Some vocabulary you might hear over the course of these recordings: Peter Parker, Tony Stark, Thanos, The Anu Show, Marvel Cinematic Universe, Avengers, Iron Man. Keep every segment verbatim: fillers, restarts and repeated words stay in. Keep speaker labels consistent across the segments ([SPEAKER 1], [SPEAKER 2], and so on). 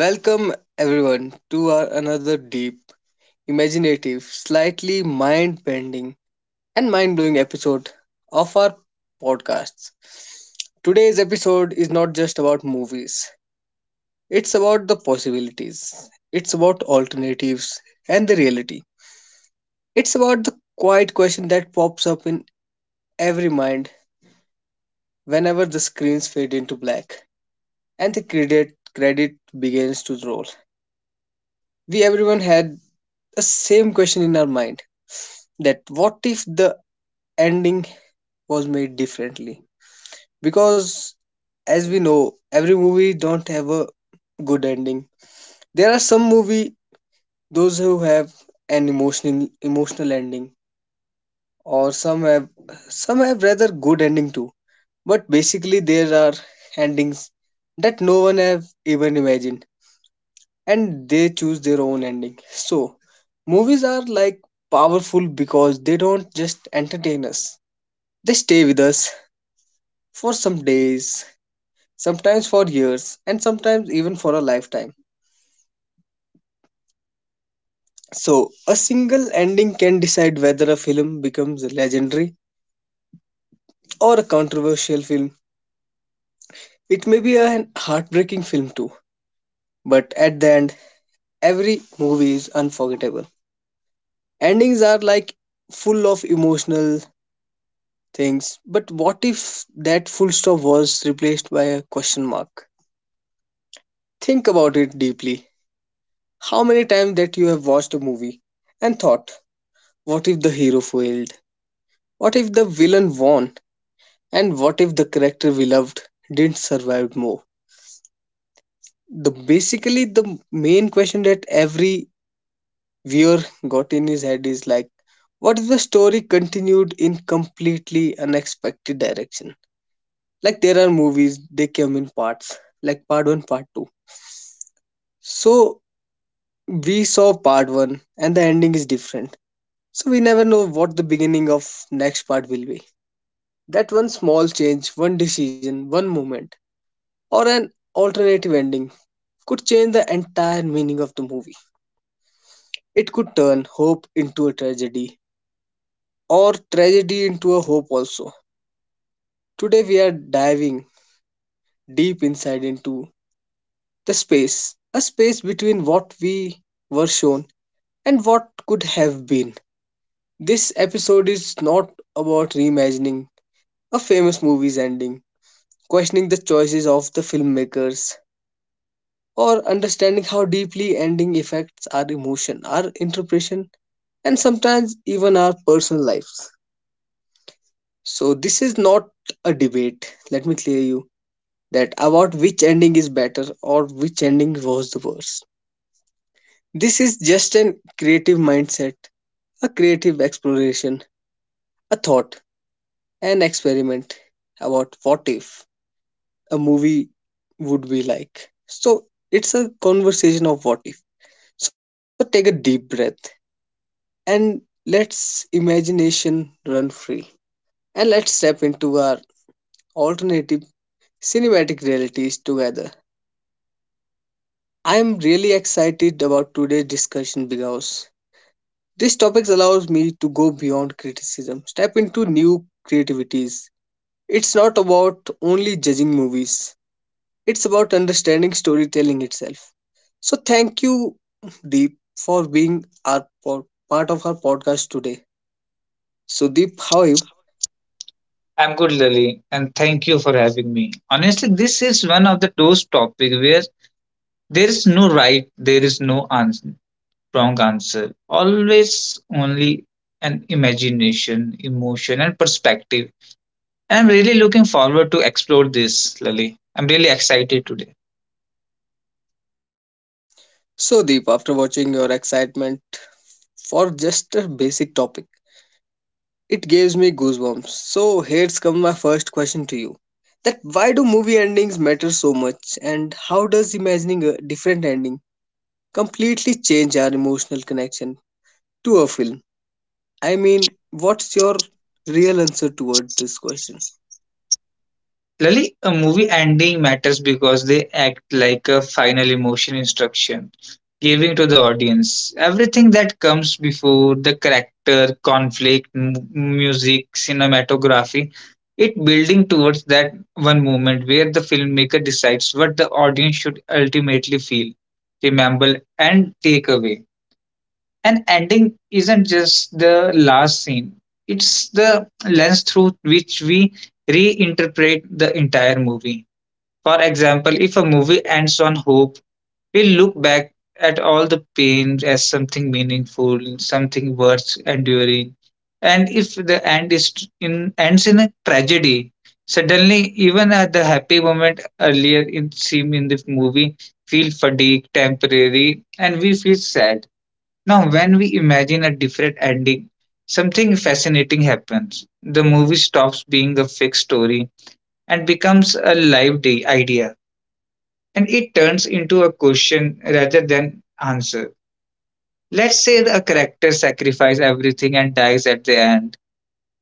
[SPEAKER 1] Welcome everyone to our another deep, imaginative, slightly mind-bending and mind-blowing episode of our podcasts. Today's episode is not just about movies. It's about the possibilities. It's about alternatives and the reality. It's about the quiet question that pops up in every mind whenever the screens fade into black and the credit credit begins to roll. We everyone had the same question in our mind that what if the ending was made differently, because as we know every movie don't have a good ending. There are some movie those who have an emotional emotional ending, or some have some have rather good ending too, but basically there are endings that no one have even imagined and they choose their own ending. So movies are like powerful because they don't just entertain us, they stay with us for some days, sometimes for years, and sometimes even for a lifetime. So, a single ending can decide whether a film becomes legendary or a controversial film. It may be a heartbreaking film too, but at the end, every movie is unforgettable. Endings are like full of emotional things, but what if that full stop was replaced by a question mark? Think about it deeply. How many times that you have watched a movie and thought, what if the hero failed? What if the villain won? And what if the character we loved didn't survive more? The basically the main question that every viewer got in his head is like, what if the story continued in completely unexpected direction? Like there are movies, they come in parts, like part one, part two. So we saw part one and the ending is different. So we never know what the beginning of next part will be. That one small change, one decision, one moment, or an alternative ending could change the entire meaning of the movie. It could turn hope into a tragedy, or tragedy into a hope also. Today we are diving deep inside into the space, a space between what we were shown and what could have been. This episode is not about reimagining a famous movie's ending, questioning the choices of the filmmakers, or understanding how deeply ending affects our emotion, our interpretation, and sometimes even our personal lives. So, this is not a debate, let me clear you, that about which ending is better or which ending was the worst. This is just an creative mindset, a creative exploration, a thought, an experiment about what if a movie would be like. So, it's a conversation of what if. So, take a deep breath and let's imagination run free. And let's step into our alternative cinematic realities together. I am really excited about today's discussion because this topic allows me to go beyond criticism, step into new creativities. It's not about only judging movies, it's about understanding storytelling itself. So, thank you, Deep, for being our pod- part of our podcast today. So, Deep, how are you?
[SPEAKER 2] I'm good, Lily, and thank you for having me. Honestly, this is one of the those topics where there is no right, there is no answer, wrong answer. Always only an imagination, emotion, and perspective. And I'm really looking forward to explore this, Lily. I'm really excited today.
[SPEAKER 1] So, Deep, after watching your excitement for just a basic topic, it gives me goosebumps. So, here's come my first question to you. That why do movie endings matter so much and how does imagining a different ending completely change our emotional connection to a film? I mean, what's your real answer towards this question?
[SPEAKER 2] Lali, a movie ending matters because they act like a final emotion instruction, giving to the audience everything that comes before the character, conflict, m- music, cinematography. It building towards that one moment where the filmmaker decides what the audience should ultimately feel, remember, and take away. An ending isn't just the last scene, it's the lens through which we reinterpret the entire movie. For example, if a movie ends on hope, we look back at all the pain as something meaningful, something worth enduring. And if the end is in ends in a tragedy, suddenly even at the happy moment earlier in seem in the movie feel fatigue temporary and we feel sad now, when we imagine a different ending, something fascinating happens. The movie stops being a fixed story and becomes a live day idea, and it turns into a question rather than answer. Let's say a character sacrifices everything and dies at the end.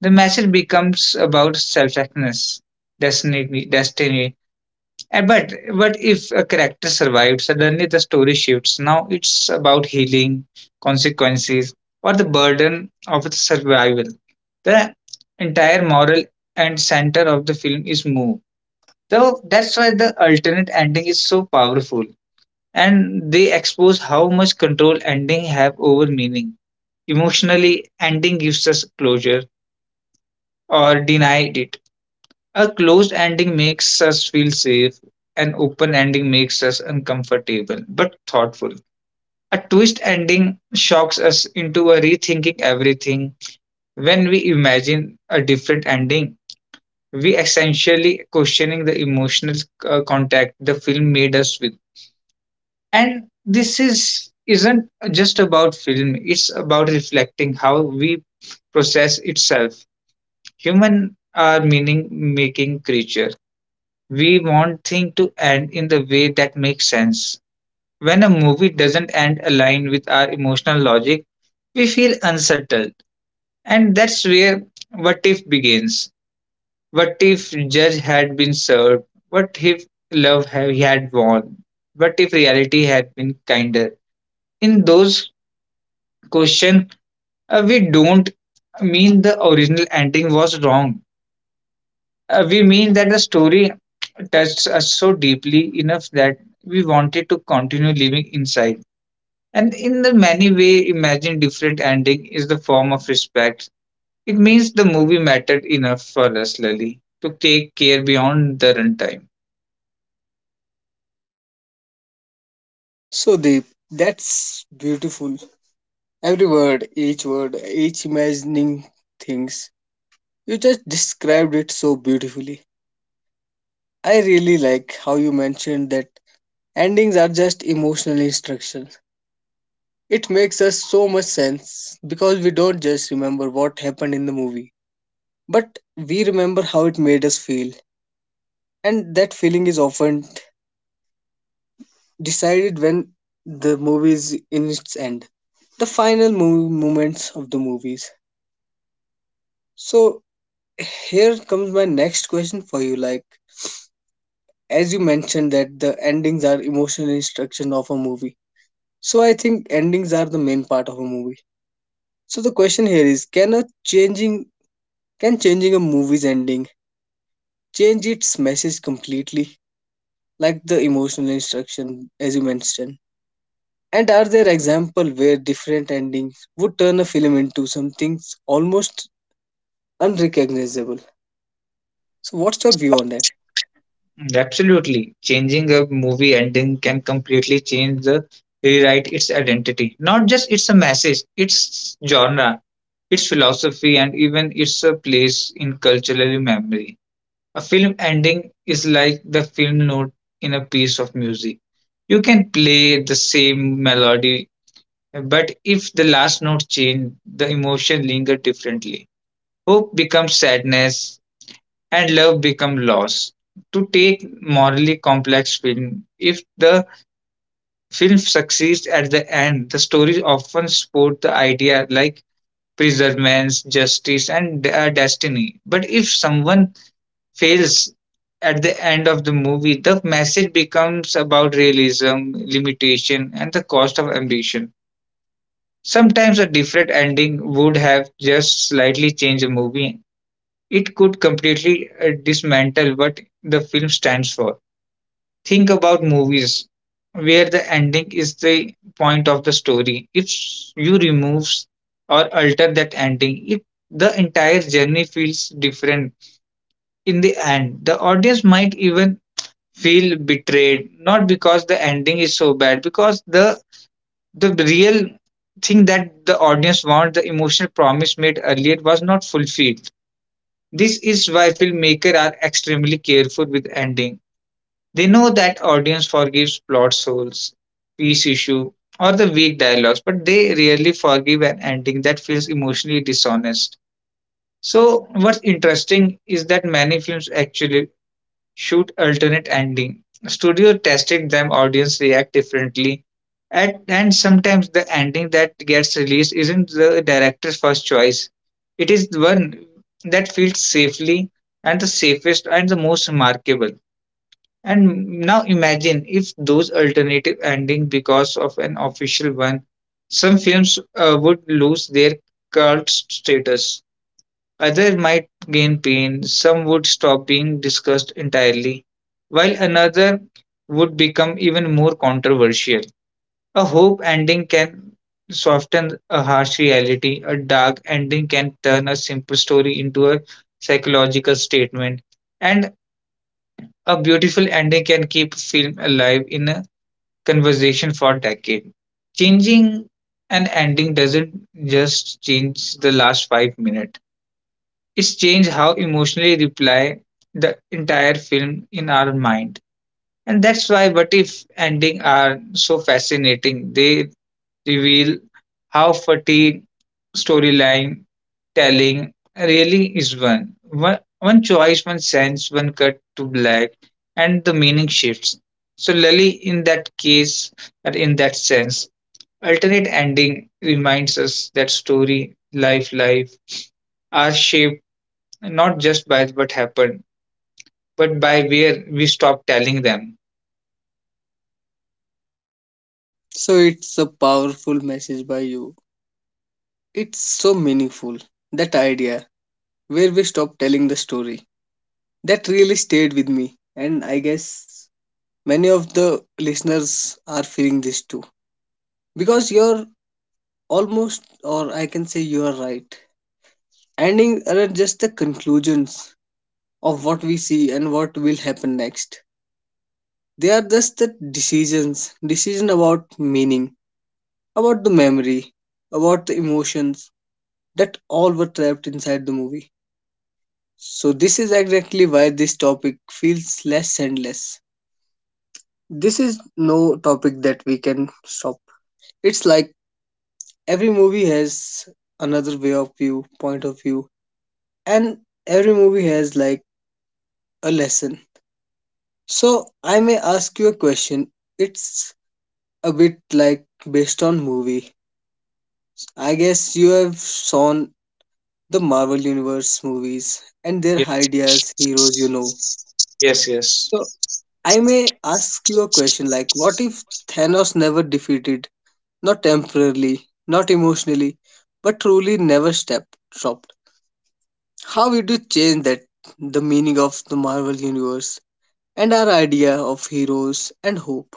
[SPEAKER 2] The message becomes about selflessness, destiny, destiny And but but if a character survives, suddenly the story shifts. Now it's about healing, consequences, or the burden of its survival. The entire moral and center of the film is moved. So that's why the alternate ending is so powerful. And they expose how much control ending have over meaning. Emotionally, ending gives us closure or denied it, a closed ending makes us feel safe. An open ending makes us uncomfortable but thoughtful. A twist ending shocks us into a rethinking everything. When we imagine a different ending, we essentially questioning the emotional uh, contact the film made us with. And this is isn't just about film, it's about reflecting how we process itself. Human are meaning making creature. We want things to end in the way that makes sense. When a movie doesn't end aligned with our emotional logic, we feel unsettled. And that's where what if begins. What if judge had been served? What if love ha- he had won? What if reality had been kinder? In those questions, uh, we don't mean the original ending was wrong. Uh, we mean that the story touched us so deeply enough that we wanted to continue living inside. And in the many way, imagine different ending is the form of respect. It means the movie mattered enough for us, Lily, to take care beyond the runtime.
[SPEAKER 1] So, Deep, that's beautiful. Every word, each word, each imagining things, you just described it so beautifully. I really like how you mentioned that endings are just emotional instructions. It makes us so much sense because we don't just remember what happened in the movie, but we remember how it made us feel. And that feeling is often decided when the movie is in its end, the final mo- moments of the movies. So, here comes my next question for you like, as you mentioned that the endings are emotional instruction of a movie, so I think endings are the main part of a movie. So the question here is, can a changing can changing a movie's ending change its message completely, like the emotional instruction as you mentioned? And are there examples where different endings would turn a film into something almost unrecognizable? So what's your view on that?
[SPEAKER 2] Absolutely, changing a movie ending can completely change the rewrite its identity. Not just it's a message, its genre, its philosophy, and even its a place in cultural memory. A film ending is like the film note in a piece of music. You can play the same melody, but if the last note change, the emotion linger differently. Hope becomes sadness and love becomes loss. To take morally complex film, if the film succeeds at the end, the stories often support the idea like preservance, justice, and uh, destiny. But if someone fails at the end of the movie, the message becomes about realism, limitation, and the cost of ambition. Sometimes a different ending would have just slightly changed the movie. It could completely uh, dismantle what the film stands for. Think about movies where the ending is the point of the story. If you remove or alter that ending, it the entire journey feels different in the end. The audience might even feel betrayed not because the ending is so bad because the the real thing that the audience want the emotional promise made earlier was not fulfilled. This is why filmmakers are extremely careful with ending. They know that audience forgives plot holes, peace issue, or the weak dialogues, but they rarely forgive an ending that feels emotionally dishonest. So what's interesting is that many films actually shoot alternate ending. Studio tested them, audience react differently. At, and sometimes the ending that gets released isn't the director's first choice. It is one that feels safely and the safest and the most remarkable. And now imagine if those alternative ending because of an official one, some films uh, would lose their cult status. Others might gain pain, some would stop being discussed entirely, while another would become even more controversial. A hope ending can soften a harsh reality, a dark ending can turn a simple story into a psychological statement, and a beautiful ending can keep a film alive in a conversation for decades. Changing an ending doesn't just change the last five minutes, it's changed how emotionally reply the entire film in our mind. And that's why what if ending are so fascinating. They reveal how fatigue storyline telling really is. one. one. One choice, one sense, one cut to black, and the meaning shifts. So, Lali, in that case, or in that sense, alternate ending reminds us that story, life, life are shaped not just by what happened, but by where we stopped telling them.
[SPEAKER 1] So it's a powerful message by you. It's so meaningful. That idea where we stop telling the story, that really stayed with me and I guess many of the listeners are feeling this too. Because you're almost, or I can say you are right. Ending are just the conclusions of what we see and what will happen next. They are just the decisions, decision about meaning, about the memory, about the emotions that all were trapped inside the movie. So this is exactly why this topic feels less endless. This is no topic that we can stop. It's like every movie has another way of view, point of view, and every movie has like a lesson. So I may ask you a question. It's a bit like based on movie. I guess you have seen the Marvel Universe movies and their
[SPEAKER 2] Yes,
[SPEAKER 1] ideas, heroes, you know.
[SPEAKER 2] yes. yes.
[SPEAKER 1] So I may ask you a question like, what if Thanos never defeated, not temporarily, not emotionally, but truly never stepped, dropped? How it would change that the meaning of the Marvel universe and our idea of heroes and hope.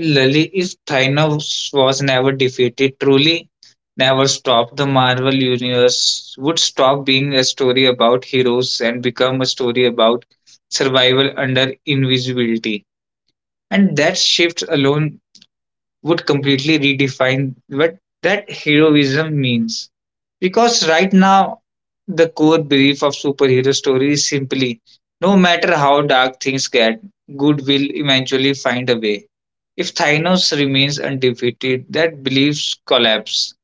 [SPEAKER 2] Lily, if Thanos was never defeated, truly never stopped, the Marvel Universe would stop being a story about heroes and become a story about survival under invisibility. And that shift alone would completely redefine what that heroism means. Because right now, the core belief of superhero stories is simply no matter how dark things get, good will eventually find a way. If Thanos remains undefeated, that beliefs collapse.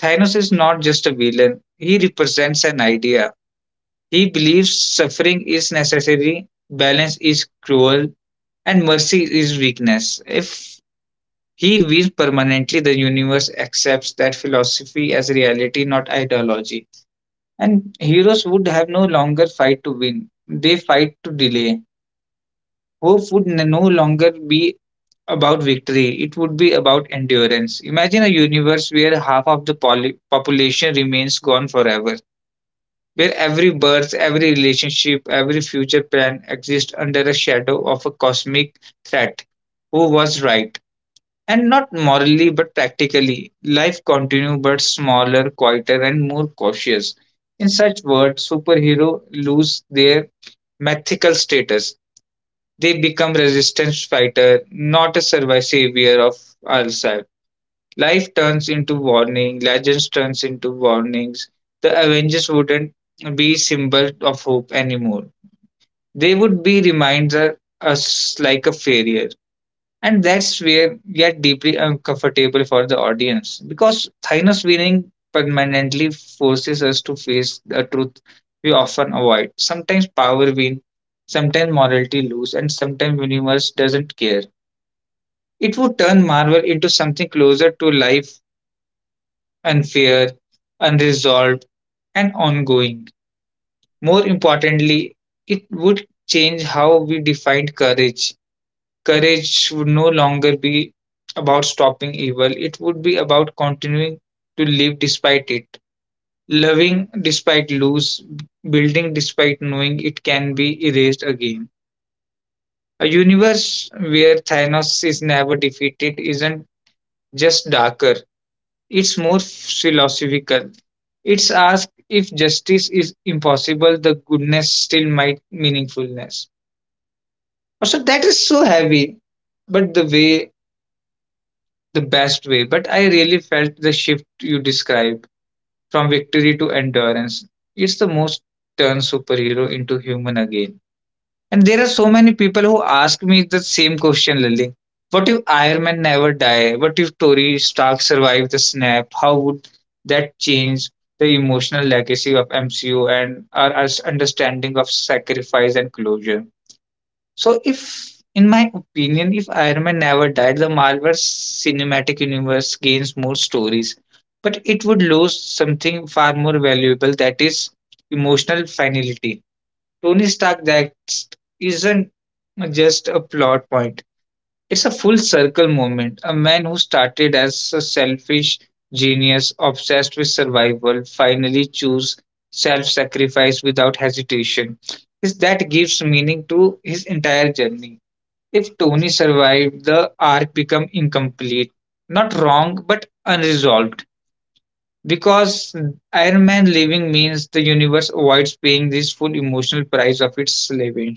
[SPEAKER 2] Thanos is not just a villain, he represents an idea. He believes suffering is necessary, balance is cruel, and mercy is weakness. If he views permanently the universe accepts that philosophy as reality, not ideology. And heroes would have no longer fight to win, they fight to delay. Hope would n- no longer be about victory, it would be about endurance. Imagine a universe where half of the poly- population remains gone forever, where every birth, every relationship, every future plan exists under a shadow of a cosmic threat. Who was right? And not morally but practically. Life continues but smaller, quieter, and more cautious. In such words, superhero lose their mythical status. They become resistance fighter, not a survivor savior of ourselves. Life turns into warning, legends turns into warnings. The Avengers wouldn't be symbol of hope anymore. They would be reminder us like a failure, and that's where get deeply uncomfortable for the audience because Thanos winning permanently forces us to face the truth we often avoid. Sometimes power wins, sometimes morality loses, and sometimes universe doesn't care. It would turn Marvel into something closer to life, unfair, unresolved, and ongoing. More importantly, it would change how we define courage. Courage would no longer be about stopping evil, it would be about continuing to live despite it, loving despite lose, building despite knowing it can be erased again. A universe where Thanos is never defeated isn't just darker, it's more philosophical. It's asked if justice is impossible, the goodness still might meaningfulness. So that is so heavy, but the way the best way, but I really felt the shift you describe from victory to endurance. It's the most turn superhero into human again. And there are so many people who ask me the same question, Lily. What if Iron Man never die? What if Tony Stark survived the snap? How would that change the emotional legacy of M C U and our, our understanding of sacrifice and closure? So, if, in my opinion, if Iron Man never died, the Marvel Cinematic Universe gains more stories, but it would lose something far more valuable that is emotional finality. Tony Stark that isn't just a plot point, it's a full circle moment. A man who started as a selfish genius obsessed with survival finally choose self sacrifice without hesitation. Is that gives meaning to his entire journey. If Tony survived, the arc become incomplete. Not wrong, but unresolved. Because Iron Man leaving means the universe avoids paying this full emotional price of its slavery.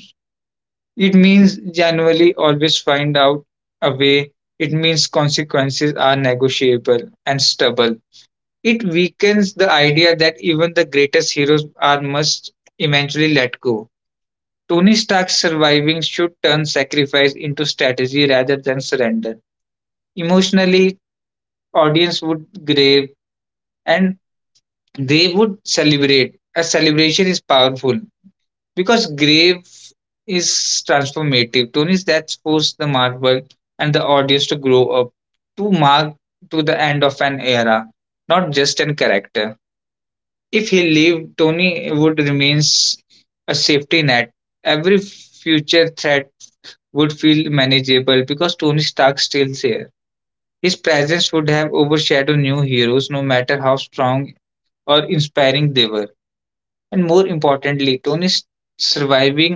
[SPEAKER 2] It means January always find out a way. It means consequences are negotiable and stubborn. It weakens the idea that even the greatest heroes are must eventually let go. Tony Stark's surviving should turn sacrifice into strategy rather than surrender. Emotionally, audience would grave, and they would celebrate. A celebration is powerful because grave is transformative. Tony's that's forced the Marvel and the audience to grow up, to mark to the end of an era, not just an character. If he lived, Tony would remains a safety net. Every future threat would feel manageable because Tony Stark still here. His presence would have overshadowed new heroes, no matter how strong or inspiring they were. And more importantly, Tony's surviving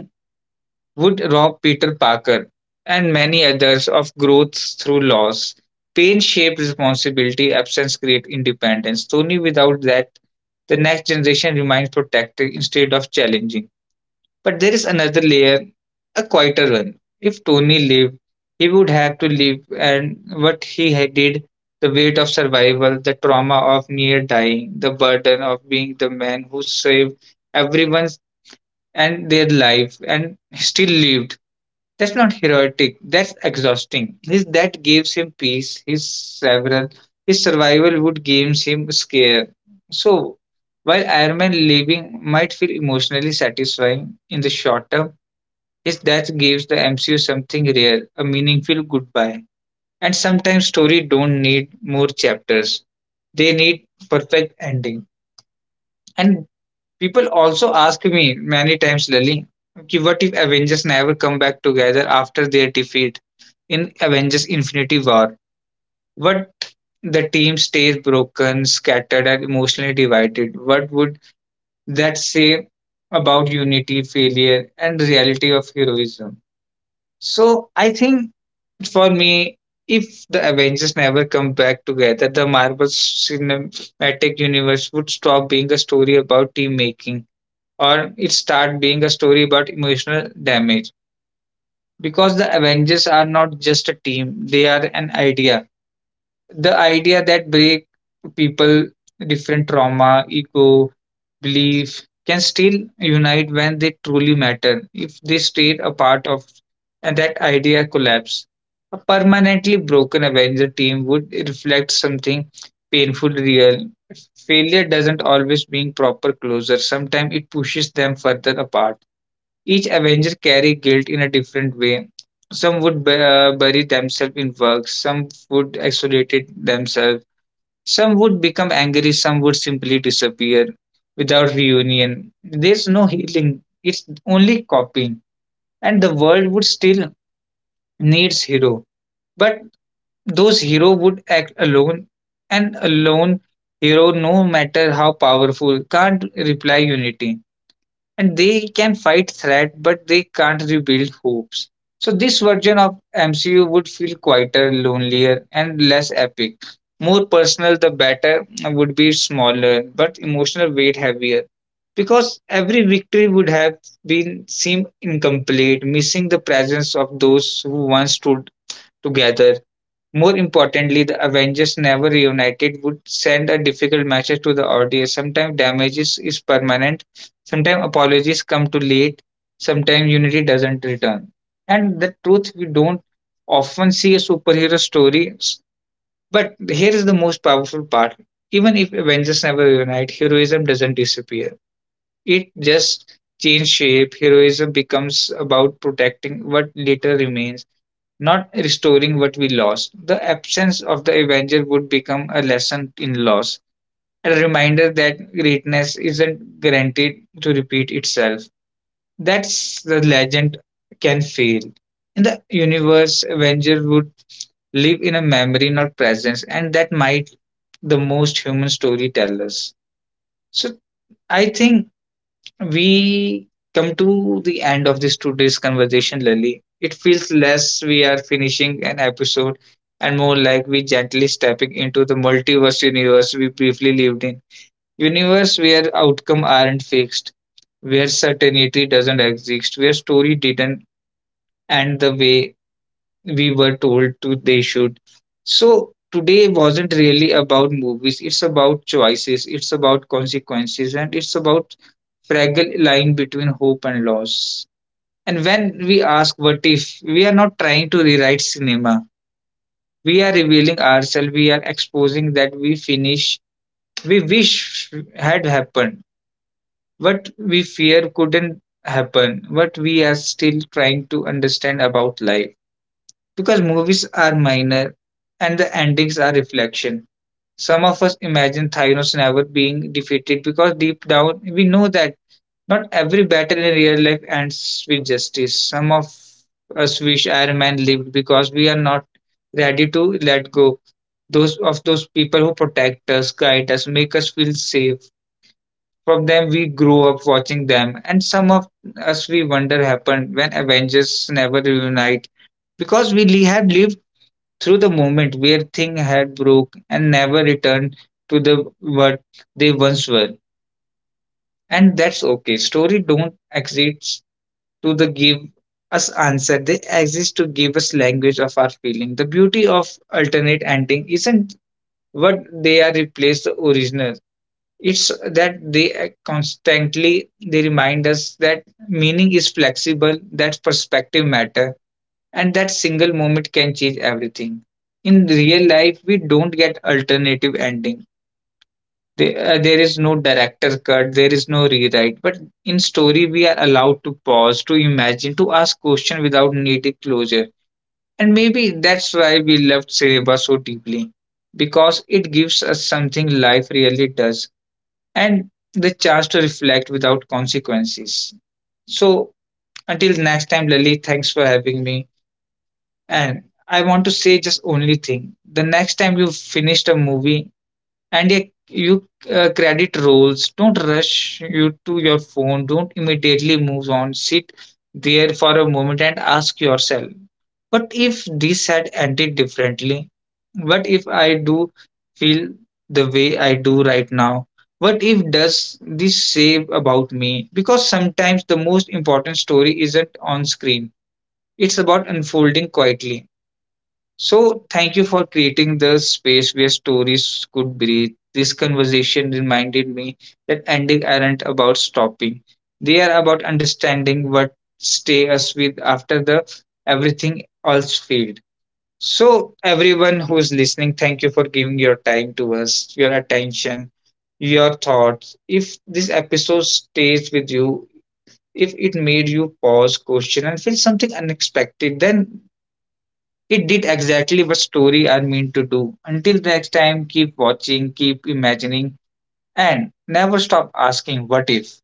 [SPEAKER 2] would rob Peter Parker and many others of growth through loss. Pain shaped responsibility, absence creates independence. Tony, without that, the next generation remains protected instead of challenging. But there is another layer, a quieter one. If Tony lived, he would have to live, and what he had did the weight of survival, the trauma of near dying, the burden of being the man who saved everyone's and their life and still lived. That's not heroic, that's exhausting. His that gives him peace, his several his survival would gives him scare. So while Iron Man living might feel emotionally satisfying in the short term, his death gives the M C U something rare, a meaningful goodbye. And sometimes stories don't need more chapters. They need perfect ending. And people also ask me many times, Lily, okay, what if Avengers never come back together after their defeat in Avengers Infinity War? What the team stays broken, scattered, and emotionally divided? What would that say about unity, failure, and reality of heroism? So I think for me, if the Avengers never come back together, the Marvel Cinematic Universe would stop being a story about team making or it start being a story about emotional damage because the Avengers are not just a team, they are an idea, the idea that break people different trauma ego belief can still unite when they truly matter if they stayed a part of and that idea collapse. A permanently broken avenger team would reflect something painful real. Failure doesn't always mean proper closure, sometimes it pushes them further apart. Each Avenger carry guilt in a different way. Some would bu- uh, bury themselves in work, some would isolate it themselves, some would become angry, some would simply disappear without reunion. There's no healing, it's only copying. And the world would still needs hero. But those hero would act alone, and alone hero no matter how powerful can't reply unity, and they can fight threat but they can't rebuild hopes. So this version of M C U would feel quieter, lonelier and less epic. More personal the better would be smaller but emotional weight heavier because every victory would have been seem incomplete, missing the presence of those who once stood together. More importantly, the Avengers never reunited would send a difficult message to the audience. Sometimes damage is, is permanent, sometimes apologies come too late, sometimes unity doesn't return. And the truth, we don't often see a superhero story. s- But here is the most powerful part. Even if Avengers never reunite, heroism doesn't disappear. It just changes shape. Heroism becomes about protecting what little remains, not restoring what we lost. The absence of the Avenger would become a lesson in loss, a reminder that greatness isn't guaranteed to repeat itself. That's the legend can fail. In the universe, Avenger would live in a memory, not presence, and that might the most human storytellers. So I think we come to the end of this today's conversation, Lily. It feels less we are finishing an episode and more like we gently stepping into the multiverse universe we briefly lived in. Universe where outcome aren't fixed, where certainty doesn't exist, where story didn't end the way we were told to they should. So today wasn't really about movies, it's about choices, it's about consequences, and it's about fragile line between hope and loss. And when we ask what if, we are not trying to rewrite cinema. We are revealing ourselves, we are exposing that we finish we wish had happened, what we fear couldn't happen, what we are still trying to understand about life. Because movies are minor and the endings are reflection. Some of us imagine Thanos never being defeated because deep down we know that not every battle in real life ends with justice. Some of us wish Iron Man lived because we are not ready to let go. Those of those people who protect us, guide us, make us feel safe. From them we grow up watching them, and some of us we wonder happened when Avengers never reunite because we li- had lived through the moment where things had broke and never returned to the what they once were. And that's okay. Story don't exist to the give us answer. They exist to give us language of our feeling. The beauty of alternate ending isn't what they are replaced the original. It's that they uh, constantly they remind us that meaning is flexible, that perspective matter, and that single moment can change everything. In real life, we don't get alternative ending. There, uh, there is no director cut, there is no rewrite. But in story, we are allowed to pause, to imagine, to ask questions without needing closure. And maybe that's why we loved Cereba so deeply, because it gives us something life really does, and the chance to reflect without consequences. So until next time, Lily, thanks for having me. And I want to say just only thing. The next time you finished a movie and you, you uh, credit rolls, don't rush you to your phone. Don't immediately move on. Sit there for a moment and ask yourself, what if this had ended differently? What if I do feel the way I do right now? What if does this say about me? Because sometimes the most important story isn't on screen. It's about unfolding quietly. So, thank you for creating the space where stories could breathe. This conversation reminded me that ending aren't about stopping. They are about understanding what stay us with after the everything else failed. So, everyone who is listening, thank you for giving your time to us, your attention, your thoughts. If this episode stays with you, if it made you pause, question, and feel something unexpected, then it did exactly what stories are meant to do. Until next time, keep watching, keep imagining, and never stop asking what if.